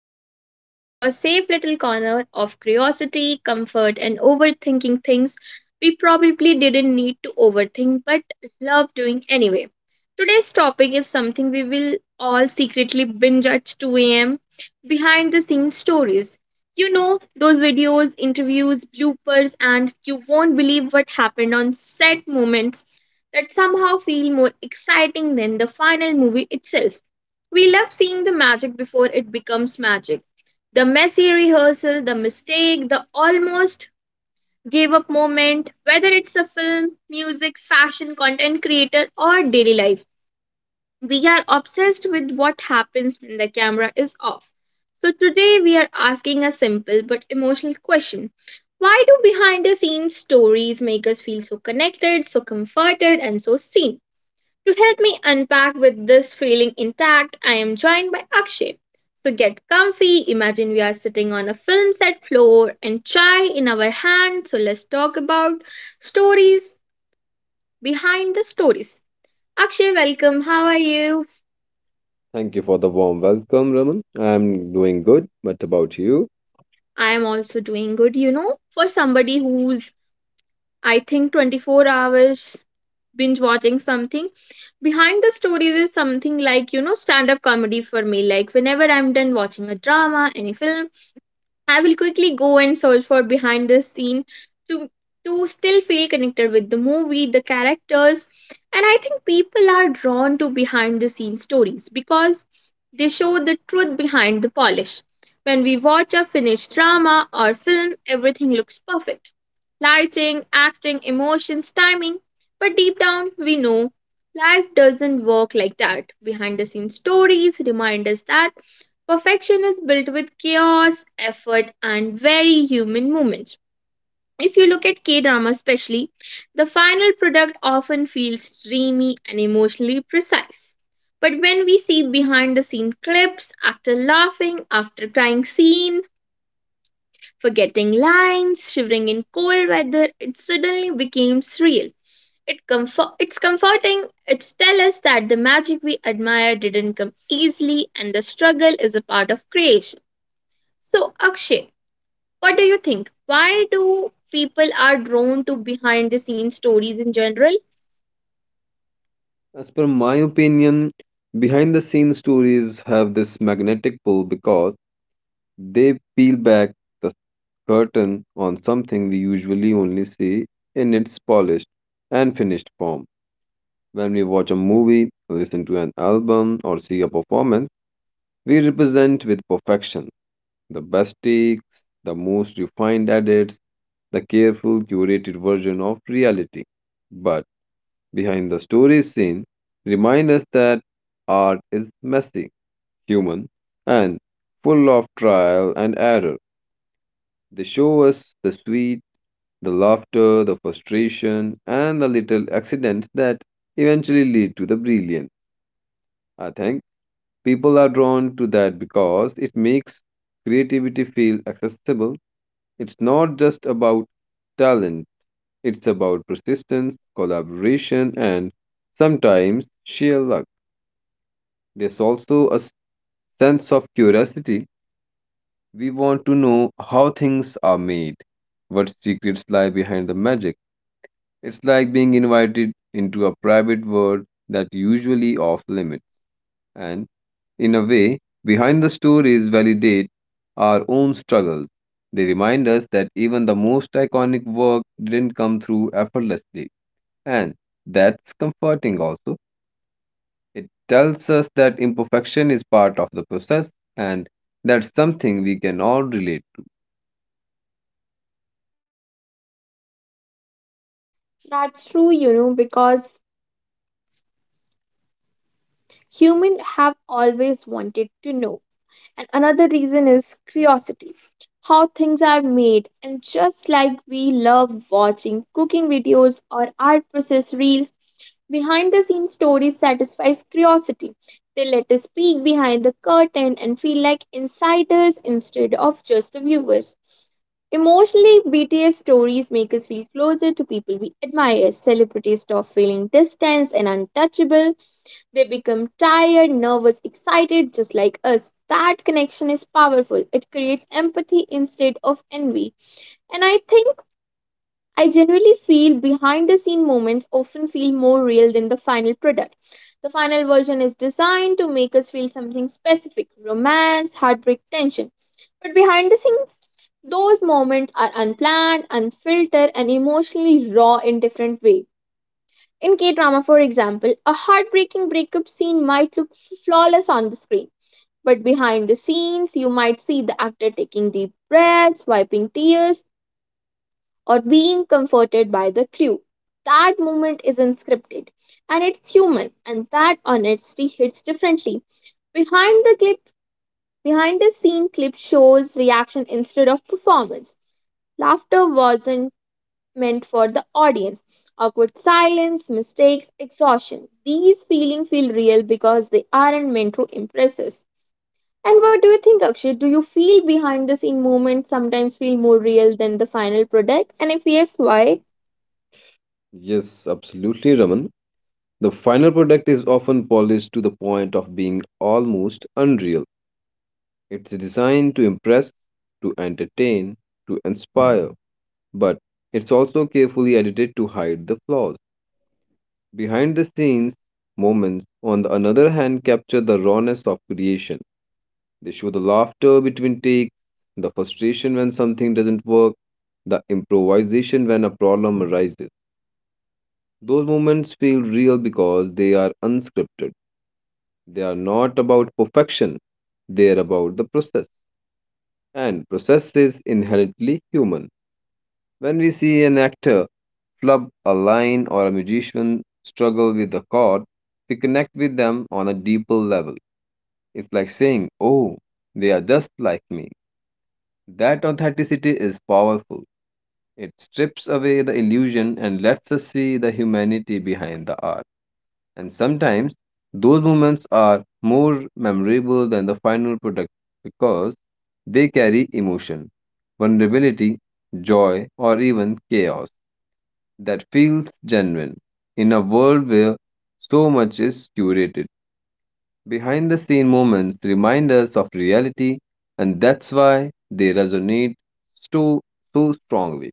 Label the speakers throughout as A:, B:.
A: podcast, your safe little corner of curiosity, comfort, and overthinking things we probably didn't need to overthink but love doing anyway. Today's topic is something we will all secretly binge at 2 a.m., behind the scenes stories. Those videos, interviews, bloopers, and you won't believe what happened on set moments that somehow feel more exciting than the final movie itself. We love seeing the magic before it becomes magic. The messy rehearsal, the mistake, the almost gave up moment, whether it's a film, music, fashion, content creator, or daily life. We are obsessed with what happens when the camera is off. So today we are asking a simple but emotional question. Why do behind the scenes stories make us feel so connected, so comforted, and so seen? To help me unpack with this feeling intact, I am joined by Akshay. So get comfy. Imagine we are sitting on a film set floor and chai in our hand. So let's talk about stories behind the stories. Akshay, welcome. How are you?
B: Thank you for the warm welcome, Raman. I'm doing good, but about you?
A: I am also doing good, for somebody who's, I think, 24 hours binge watching something. Behind the stories is something like stand up comedy for me. Like whenever I'm done watching a drama, any film, I will quickly go and search for behind the scene to to still feel connected with the movie, the characters, and I think people are drawn to behind the scene stories because they show the truth behind the polish. When we watch a finished drama or film, everything looks perfect. Lighting, acting, emotions, timing. But deep down, we know life doesn't work like that. Behind the scenes stories remind us that perfection is built with chaos, effort, and very human moments. If you look at K drama, especially, the final product often feels dreamy and emotionally precise. But when we see behind the scene clips, after laughing, after crying scene, forgetting lines, shivering in cold weather, it suddenly becomes real. It's comforting. It's tell us that the magic we admire didn't come easily, and the struggle is a part of creation. So, Akshay, what do you think? Why do people are drawn to behind the scenes stories in general?
B: As per my opinion, behind the scenes stories have this magnetic pull because they peel back the curtain on something we usually only see in its polished and finished form. When we watch a movie, listen to an album, or see a performance, we represent with perfection the best takes, the most refined edits, the careful, curated version of reality. But behind the story scene, remind us that art is messy, human, and full of trial and error. They show us the sweet, the laughter, the frustration, and the little accidents that eventually lead to the brilliant. I think people are drawn to that because it makes creativity feel accessible. It's not just about talent. It's about persistence, collaboration, and sometimes sheer luck. There's also a sense of curiosity. We want to know how things are made, what secrets lie behind the magic. It's like being invited into a private world that usually off limits, and in a way, behind the stories validate our own struggles. They remind us that even the most iconic work didn't come through effortlessly, and that's comforting also. It tells us that imperfection is part of the process and that's something we can all relate to.
A: That's true, because humans have always wanted to know. And another reason is curiosity. How things are made, and just like we love watching cooking videos or art process reels, behind the scenes stories satisfies curiosity. They let us peek behind the curtain and feel like insiders instead of just the viewers. Emotionally, BTS stories make us feel closer to people we admire. Celebrities stop feeling distant and untouchable. They become tired, nervous, excited, just like us. That connection is powerful. It creates empathy instead of envy. And I think I generally feel behind the scene moments often feel more real than the final product. The final version is designed to make us feel something specific romance, heartbreak, tension. But behind the scenes, those moments are unplanned, unfiltered, and emotionally raw in different ways. In K drama, for example, a heartbreaking breakup scene might look flawless on the screen. But behind the scenes, you might see the actor taking deep breaths, wiping tears, or being comforted by the crew. That moment is unscripted and it's human, and that honesty hits differently. Behind the clip, Behind the scene clip shows reaction instead of performance. Laughter wasn't meant for the audience. Awkward silence, mistakes, exhaustion. These feelings feel real because they aren't meant to impress us. And what do you think, Akshay? Do you feel behind the scene moments sometimes feel more real than the final product? And if yes, why?
B: Yes, absolutely, Raman. The final product is often polished to the point of being almost unreal. It's designed to impress, to entertain, to inspire, but it's also carefully edited to hide the flaws. Behind the scenes, moments, on the another hand, capture the rawness of creation. They show the laughter between takes, the frustration when something doesn't work, the improvisation when a problem arises. Those moments feel real because they are unscripted. They are not about perfection, they are about the process. And process is inherently human. When we see an actor flub a line or a musician struggle with a chord, we connect with them on a deeper level. It's like saying, "Oh, they are just like me." That authenticity is powerful. It strips away the illusion and lets us see the humanity behind the art. And sometimes those moments are more memorable than the final product because they carry emotion, vulnerability, joy, or even chaos that feels genuine in a world where so much is curated. Behind the scene moments remind us of reality, and that's why they resonate so, so strongly.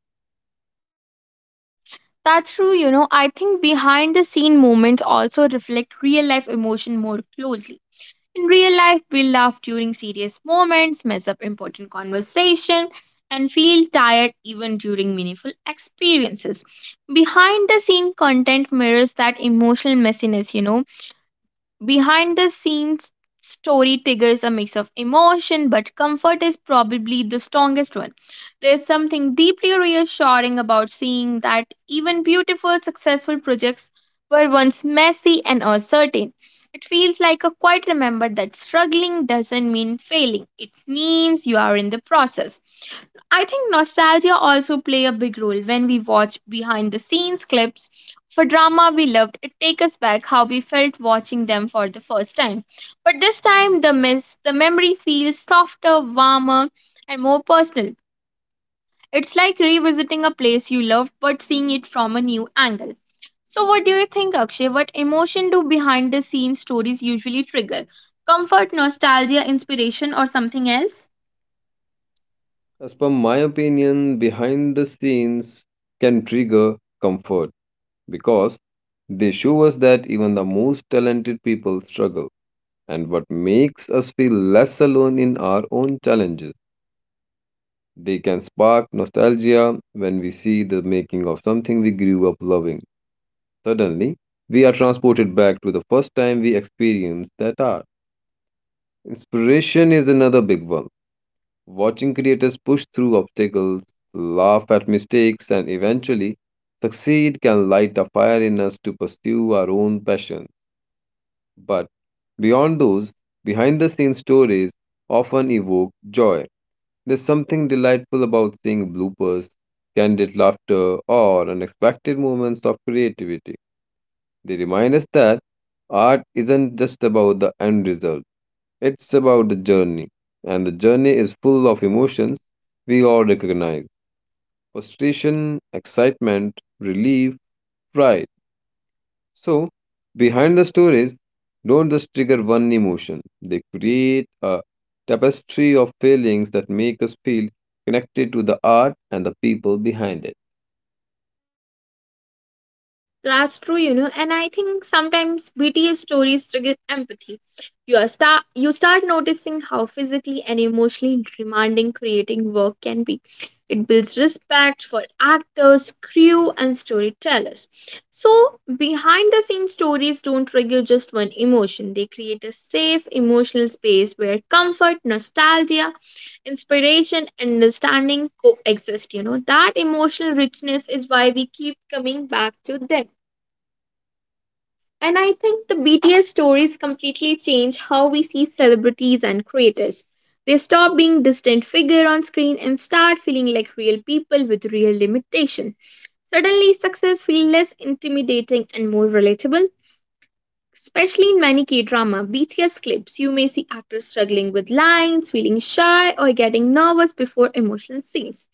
A: That's true, I think behind the scene moments also reflect real life emotion more closely. In real life, we laugh during serious moments, mess up important conversation, and feel tired even during meaningful experiences. Behind the scene content mirrors that emotional messiness. Behind the scenes story triggers a mix of emotion, but comfort is probably the strongest one. There's something deeply reassuring about seeing that even beautiful, successful projects were once messy and uncertain. It feels like a quiet remember that struggling doesn't mean failing, it means you are in the process. I think nostalgia also play a big role when we watch behind the scenes clips for drama we loved. It takes us back how we felt watching them for the first time. But this time the memory feels softer, warmer and more personal. It's like revisiting a place you loved but seeing it from a new angle. So what do you think, Akshay? What emotion do behind the scenes stories usually trigger? Comfort, nostalgia, inspiration or something else?
B: As per my opinion, behind the scenes can trigger comfort because they show us that even the most talented people struggle, and what makes us feel less alone in our own challenges. They can spark nostalgia when we see the making of something we grew up loving. Suddenly, we are transported back to the first time we experienced that art. Inspiration is another big one. Watching creators push through obstacles, laugh at mistakes, and eventually succeed can light a fire in us to pursue our own passion. But beyond those, behind the scenes stories often evoke joy. There's something delightful about seeing bloopers, candid laughter, or unexpected moments of creativity. They remind us that art isn't just about the end result, it's about the journey. And the journey is full of emotions we all recognize: frustration, excitement, relief, pride. So, behind the stories, don't just trigger one emotion, they create a tapestry of feelings that make us feel connected to the art and the people behind
A: That's true, and I think sometimes BTS stories trigger empathy. You start noticing how physically and emotionally demanding creating work can be. It builds respect for actors, crew, and storytellers. So behind the scenes stories don't trigger just one emotion. They create a safe emotional space where comfort, nostalgia, inspiration, and understanding coexist. That emotional richness is why we keep coming back to them. And I think the BTS stories completely change how we see celebrities and creators. They stop being distant figure on screen and start feeling like real people with real limitation. Suddenly, success feels less intimidating and more relatable. Especially in many K drama BTS clips, you may see actors struggling with lines, feeling shy, or getting nervous before emotional scenes.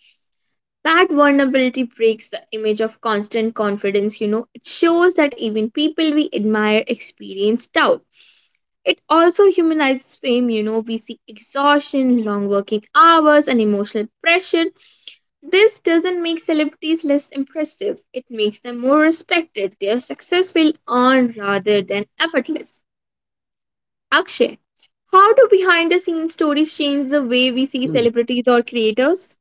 A: That vulnerability breaks the image of constant confidence. It shows that even people we admire experience doubt. It also humanizes fame. We see exhaustion, long working hours, and emotional pressure. This doesn't make celebrities less impressive, it makes them more respected. Their success will earn rather than effortless. Akshay, how do behind the scenes stories change the way we see
B: it.
A: celebrities or creators?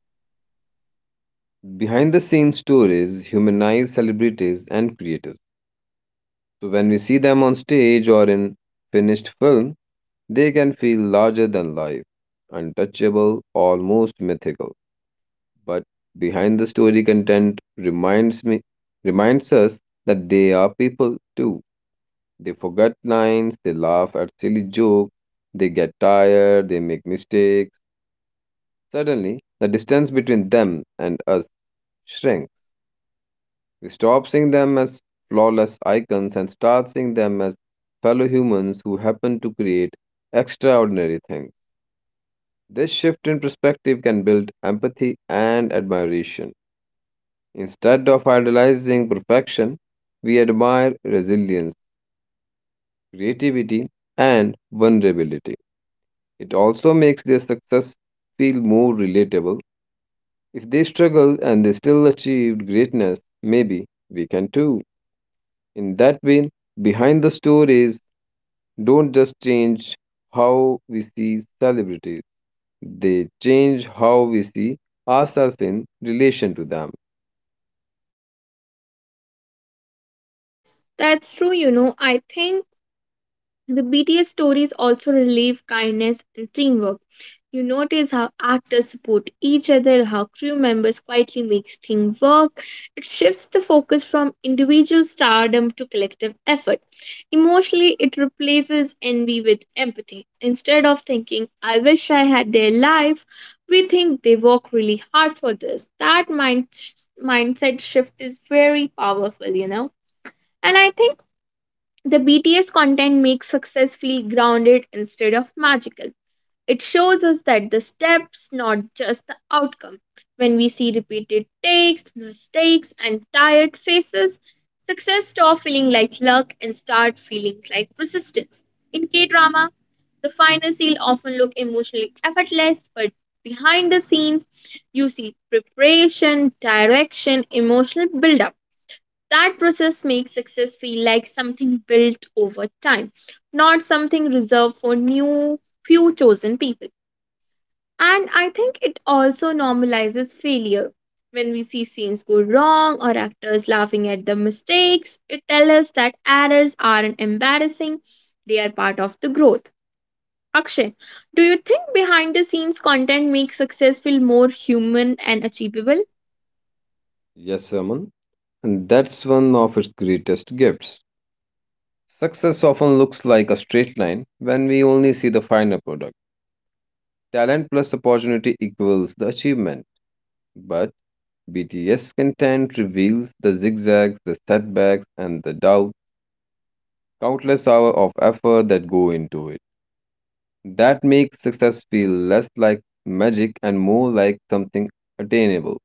B: Behind the scenes stories humanize celebrities and creators. So when we see them on stage or in finished film, they can feel larger than life, untouchable, almost mythical. But behind the story content reminds us that they are people too. They forget lines, they laugh at silly jokes, they get tired, they make mistakes. Suddenly, the distance between them and us shrinks. We stop seeing them as flawless icons and start seeing them as fellow humans who happen to create extraordinary things. This shift in perspective can build empathy and admiration. Instead of idolizing perfection, we admire resilience, creativity, and vulnerability. It also makes their success feel more relatable. If they struggled and they still achieved greatness, maybe we can too. In that way, behind the stories don't just change how we see celebrities, they change how we see ourselves in relation to them.
A: That's true, I think the BTS stories also relieve kindness and teamwork. You notice how actors support each other, how crew members quietly make things work. It shifts the focus from individual stardom to collective effort. Emotionally, it replaces envy with empathy. Instead of thinking, I wish I had their life, we think they work really hard for this. That mindset shift is very powerful, And I think the BTS content makes success feel grounded instead of magical. It shows us that the steps, not just the outcome. When we see repeated takes, mistakes, and tired faces, success stops feeling like luck and start feeling like persistence. In K drama, the final seal often look emotionally effortless, but behind the scenes, you see preparation, direction, emotional build-up. That process makes success feel like something built over time, not something reserved for new few chosen people. And I think it also normalizes failure. When we see scenes go wrong or actors laughing at the mistakes, it tells us that errors aren't embarrassing, they are part of the growth. Akshay, do you think behind the scenes content makes success feel more human and achievable?
B: Yes, Raman, and that's one of its greatest gifts. Success often looks like a straight line when we only see the final product. Talent plus opportunity equals the achievement. But BTS content reveals the zigzags, the setbacks, and the doubts, countless hours of effort that go into it. That makes success feel less like magic and more like something attainable.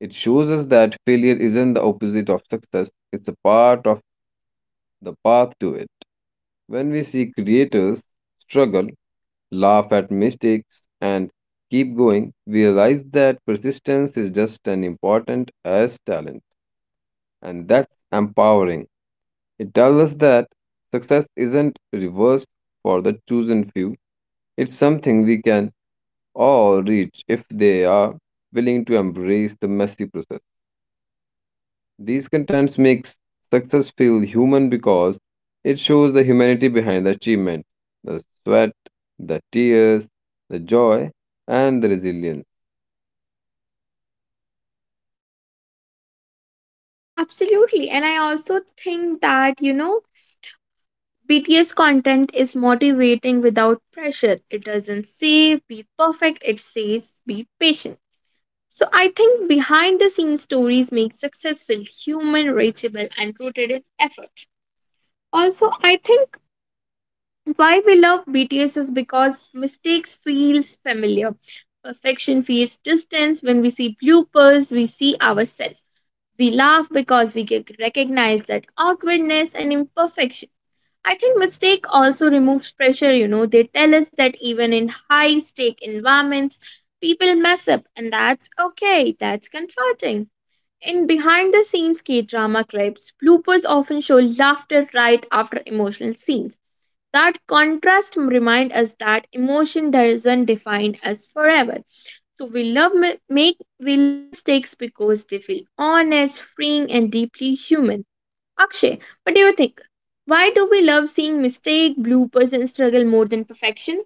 B: It shows us that failure isn't the opposite of success, it's a part of the path to it. When we see creators struggle, laugh at mistakes, and keep going, we realize that persistence is just as important as talent, and that's empowering. It tells us that success isn't reversed for the chosen few, it's something we can or reach if they are willing to embrace the messy process. These contents makes success feel human because it shows the humanity behind the achievement, the sweat, the tears, the joy, and the resilience.
A: Absolutely. And I also think that, BTS content is motivating without pressure. It doesn't say be perfect, it says be patient. So I think behind the scenes stories make successful human, reachable, and rooted in effort. Also, I think why we love BTS is because mistakes feels familiar. Perfection feels distance. When we see bloopers, we see ourselves. We laugh because we get recognize that awkwardness and imperfection. I think mistake also removes pressure, They tell us that even in high stake environments, people mess up and that's okay. That's comforting. In behind the scenes K drama clips, bloopers often show laughter right after emotional scenes. That contrast remind us that emotion doesn't define us forever. So we love mistakes because they feel honest, freeing and deeply human. Akshay, what do you think? Why do we love seeing mistake, bloopers, and struggle more than perfection?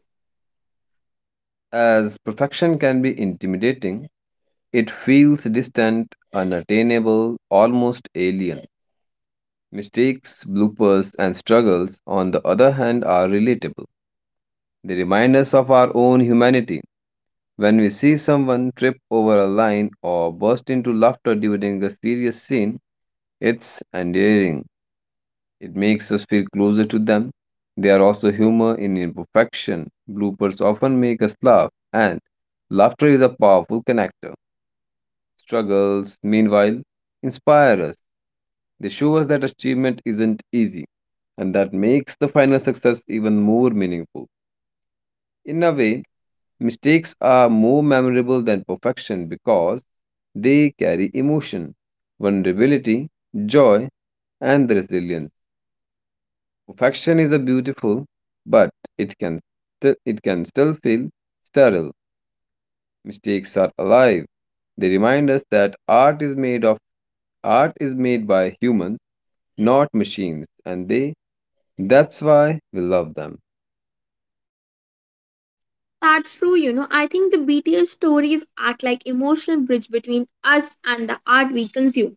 B: As perfection can be intimidating, it feels distant, unattainable, almost alien. Mistakes, bloopers, and struggles, on the other hand, are relatable. They remind us of our own humanity. When we see someone trip over a line or burst into laughter during a serious scene, it's endearing. It makes us feel closer to them. They are also humor in imperfection. Bloopers often make us laugh, and laughter is a powerful connector. Struggles, meanwhile, inspire us. They show us that achievement isn't easy, and that makes the final success even more meaningful. In a way, mistakes are more memorable than perfection because they carry emotion, vulnerability, joy, and the resilience. Perfection is a beautiful, but it can it can still feel sterile. Mistakes are alive. They remind us that art is made by humans, not machines, and they that's why we love them.
A: That's true, I think the BTS stories act like emotional bridge between us and the art we consume.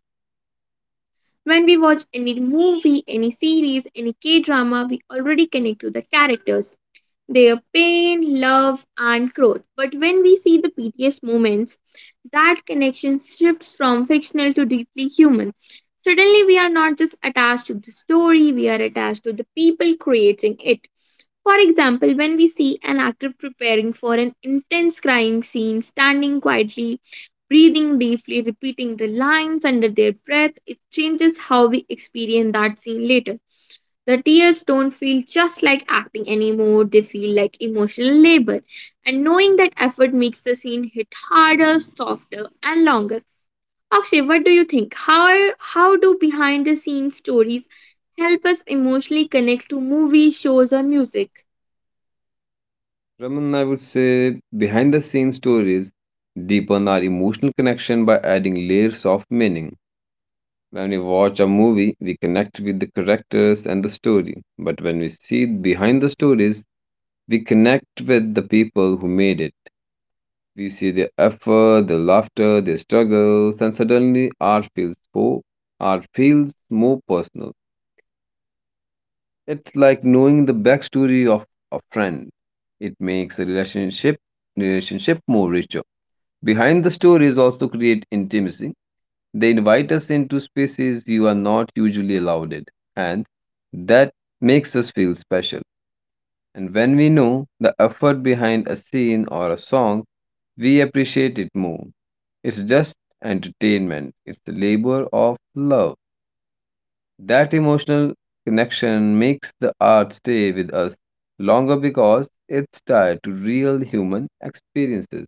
A: When we watch any movie, any series, any K drama, we already connect to the characters, their pain, love, and growth. But when we see the BTS moments, that connection shifts from fictional to deeply human. Suddenly, we are not just attached to the story, we are attached to the people creating it. For example, when we see an actor preparing for an intense crying scene, standing quietly, breathing deeply, repeating the lines under their breath, it changes how we experience that scene later. The tears don't feel just like acting anymore, they feel like emotional labor. And knowing that effort makes the scene hit harder, softer, and longer. Akshay, what do you think? How do behind the scenes stories help us emotionally connect to movies, shows, or music?
B: Raman, I would say behind the scenes stories deepen our emotional connection by adding layers of meaning. When we watch a movie, we connect with the characters and the story. But when we see behind the stories, we connect with the people who made it. We see their effort, their laughter, their struggles, and suddenly art feels more personal. It's like knowing the backstory of a friend. It makes a relationship more richer. Behind the stories also create intimacy. They invite us into spaces you are not usually allowed in, and that makes us feel special. And when we know the effort behind a scene or a song, we appreciate it more. It's just entertainment, it's the labor of love. That emotional connection makes the art stay with us longer because it's tied to real human experiences.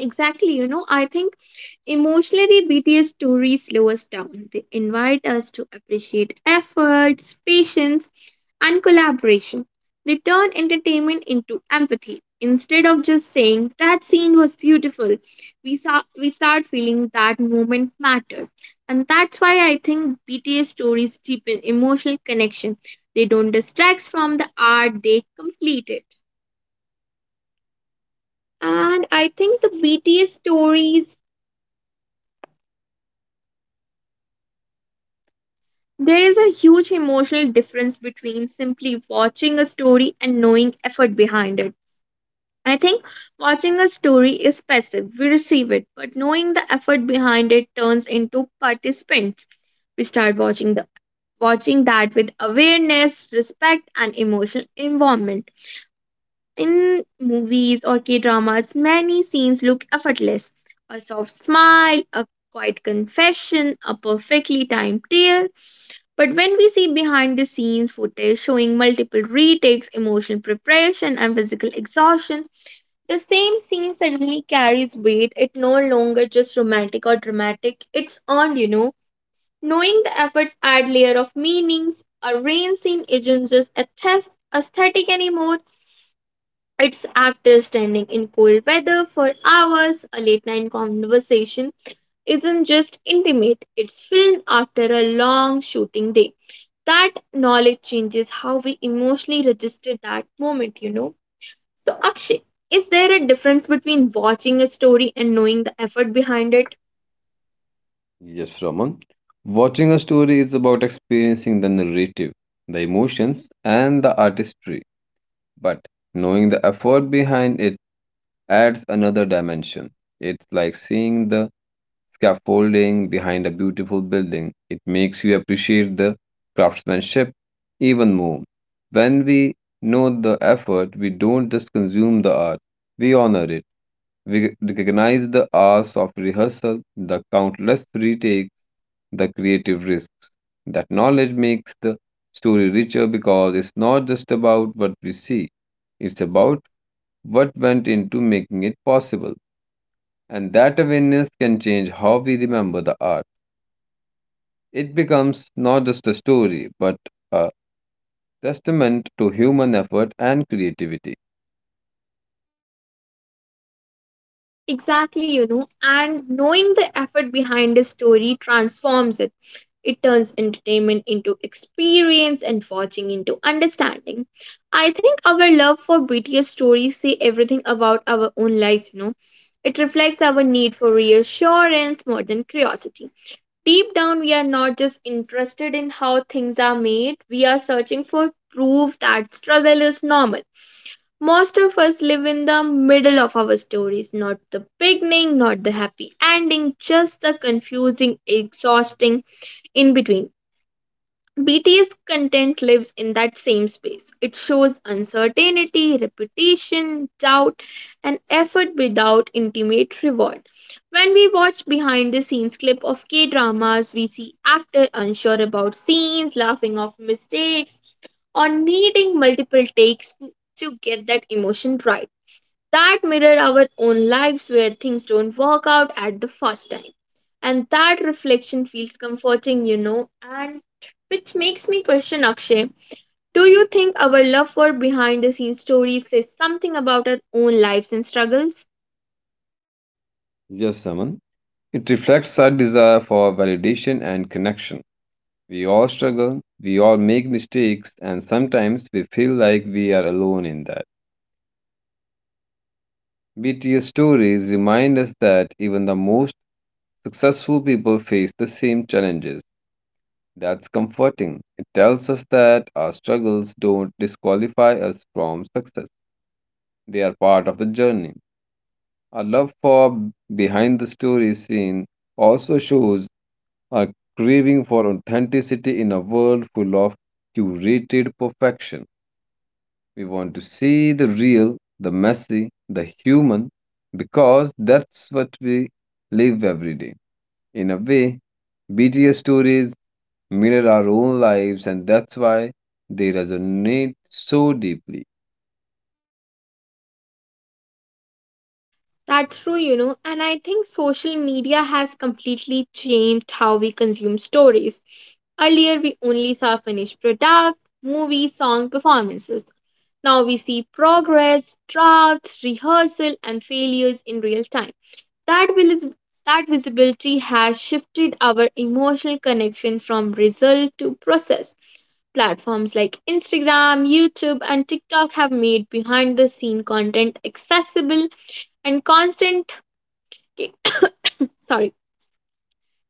A: Exactly, you know, I think emotionally, BTS stories slow us down. They invite us to appreciate efforts, patience, and collaboration. They turn entertainment into empathy. Instead of just saying that scene was beautiful, we start feeling that moment mattered. And that's why I think BTS stories deepen emotional connection. They don't distract from the art, they complete it. And I think the BTS stories There is a huge emotional difference between simply watching a story and knowing effort behind it. I think watching a story is passive, we receive it, but knowing the effort behind it turns into participants. We start watching the watching that with awareness, respect and emotional involvement. In movies or K-dramas, many scenes look effortless. A soft smile, a quiet confession, a perfectly timed tear, but when we see behind the scenes footage showing multiple retakes, emotional preparation, and physical exhaustion, the same scene suddenly carries weight. It no longer just romantic or dramatic, it's earned, you know. Knowing the efforts add layer of meanings, a rain scene isn't just aesthetic anymore. It's actors standing in cold weather for hours, a late night conversation isn't just intimate, it's filmed after a long shooting day. That knowledge changes how we emotionally register that moment, you know. So, Akshay, is there a difference between watching a story and knowing the effort behind it?
B: Yes, Raman. Watching a story is about experiencing the narrative, the emotions, and the artistry. But knowing the effort behind it adds another dimension. It's like seeing the scaffolding behind a beautiful building. It makes you appreciate the craftsmanship even more. When we know the effort, we don't just consume the art, we honor it. We recognize the hours of rehearsal, the countless retakes, the creative risks. That knowledge makes the story richer because it's not just about what we see, it's about what went into making it possible. And that awareness can change how we remember the art. It becomes not just a story, but a testament to human effort and creativity.
A: Exactly, you know, and knowing the effort behind a story transforms it. It turns entertainment into experience and watching into understanding. I think our love for BTS stories say everything about our own lives, you know. It reflects our need for reassurance more than curiosity. Deep down, we are not just interested in how things are made, we are searching for proof that struggle is normal. Most of us live in the middle of our stories, not the beginning, not the happy ending, just the confusing, exhausting in between. BTS content lives in that same space. It shows uncertainty, repetition, doubt, and effort without intimate reward. When we watch behind the scenes clip of K dramas, we see actor unsure about scenes, laughing off mistakes, or needing multiple takes to get that emotion right that mirror our own lives where things don't work out at the first time. And that reflection feels comforting, you know, and which makes me question Akshay. Do you think our love for behind the scenes stories says something about our own lives and struggles?
B: Yes, Saman. It reflects our desire for validation and connection. We all struggle, we all make mistakes, and sometimes we feel like we are alone in that. BTS stories remind us that even the most successful people face the same challenges. That's comforting. It tells us that our struggles don't disqualify us from success, they are part of the journey. Our love for behind the story scene also shows our craving for authenticity in a world full of curated perfection. We want to see the real, the messy, the human, because that's what we live every day. In a way, BTS stories mirror our own lives, and that's why they resonate so deeply.
A: That's true, you know, and I think social media has completely changed how we consume stories. Earlier, we only saw finished product, movies, song, performances. Now we see progress, drafts, rehearsal, and failures in real time. That vis- that visibility has shifted our emotional connection from result to process. Platforms like Instagram, YouTube, and TikTok have made behind the scene content accessible and constant. K- sorry,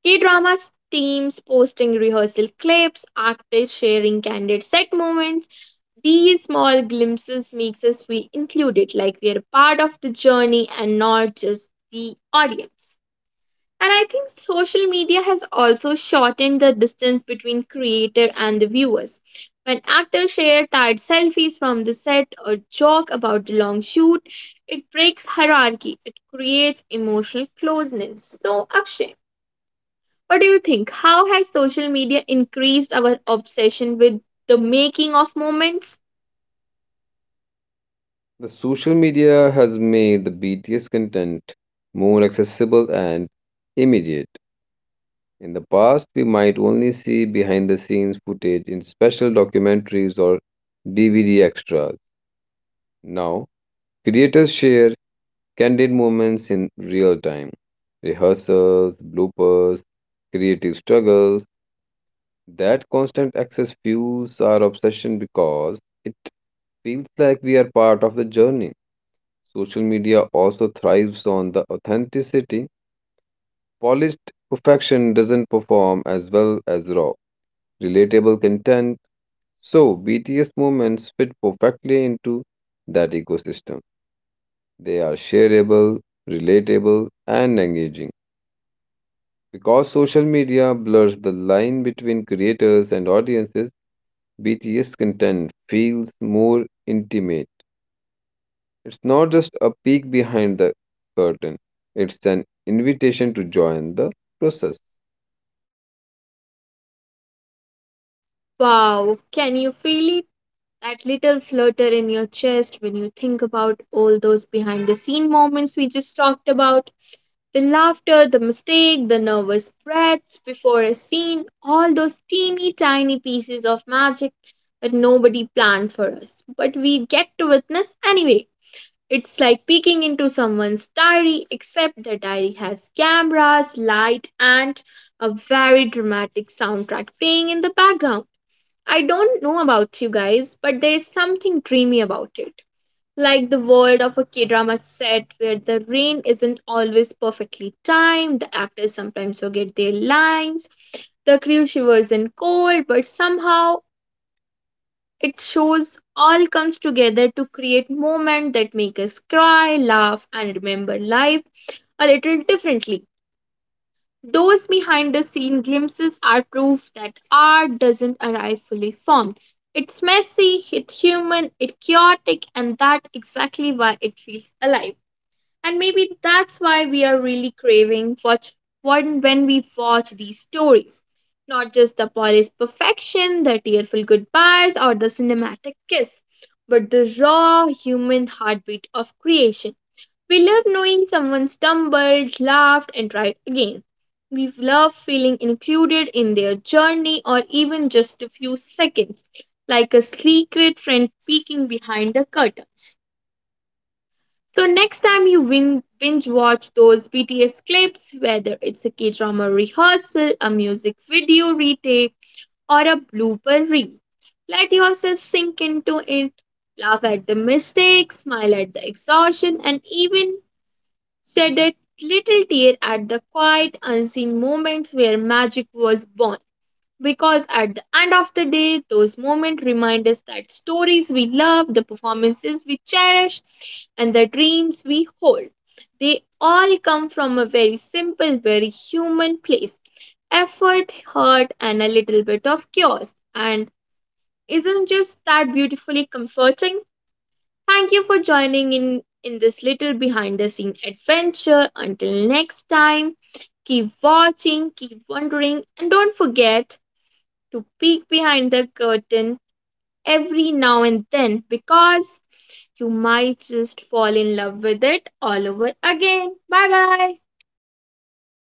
A: k-dramas teams posting rehearsal clips, actors sharing candid set moments, these small glimpses makes us feel included, like we are a part of the journey and not just the audience. And I think social media has also shortened the distance between creator and the viewers. When actors share tired selfies from the set or joke about the long shoot, it breaks hierarchy. It creates emotional closeness. So, Akshay, what do you think? How has social media increased our obsession with the making of moments?
B: The social media has made the BTS content more accessible and immediate. In the past, we might only see behind the scenes footage in special documentaries or DVD extras. Now, creators share candid moments in real time, rehearsals, bloopers, creative struggles. That constant access fuels our obsession because it feels like we are part of the journey. Social media also thrives on the authenticity. Polished perfection doesn't perform as well as raw, relatable content. So, BTS moments fit perfectly into that ecosystem. They are shareable, relatable, and engaging. Because social media blurs the line between creators and audiences, BTS content feels more intimate. It's not just a peek behind the curtain, it's an invitation to join the process.
A: Wow, can you feel it? That little flutter in your chest when you think about all those behind the scene moments we just talked about? The laughter, the mistake, the nervous breaths before a scene, all those teeny tiny pieces of magic that nobody planned for us, but we get to witness anyway. It's like peeking into someone's diary, except the diary has cameras, light, and a very dramatic soundtrack playing in the background. I don't know about you guys, but there's something dreamy about it, like the world of a K drama set where the rain isn't always perfectly timed, the actors sometimes forget their lines, the crew shivers in cold, but somehow it shows all comes together to create moments that make us cry, laugh, and remember life a little differently. Those behind the scene glimpses are proof that art doesn't arrive fully formed. It's messy, it's human, it's chaotic, and that's exactly why it feels alive. And maybe that's why we are really craving for when we watch these stories. Not just the polished perfection, the tearful goodbyes, or the cinematic kiss, but the raw human heartbeat of creation. We love knowing someone stumbled, laughed, and tried again. We love feeling included in their journey or even just a few seconds, like a secret friend peeking behind the curtains. So next time you binge watch those BTS clips, whether it's a K-drama rehearsal, a music video retake, or a blooper reel, let yourself sink into it, laugh at the mistakes, smile at the exhaustion, and even shed a little tear at the quiet, unseen moments where magic was born, because at the end of the day, those moments remind us that stories we love, the performances we cherish, and the dreams we hold, they all come from a very simple, very human place: effort, heart, and a little bit of chaos. And isn't just that beautifully comforting? Thank you for joining in this little behind the scene adventure. Until next time, keep watching, keep wondering, and don't forget to peek behind the curtain every now and then, because you might just fall in love with it all over again. Bye bye.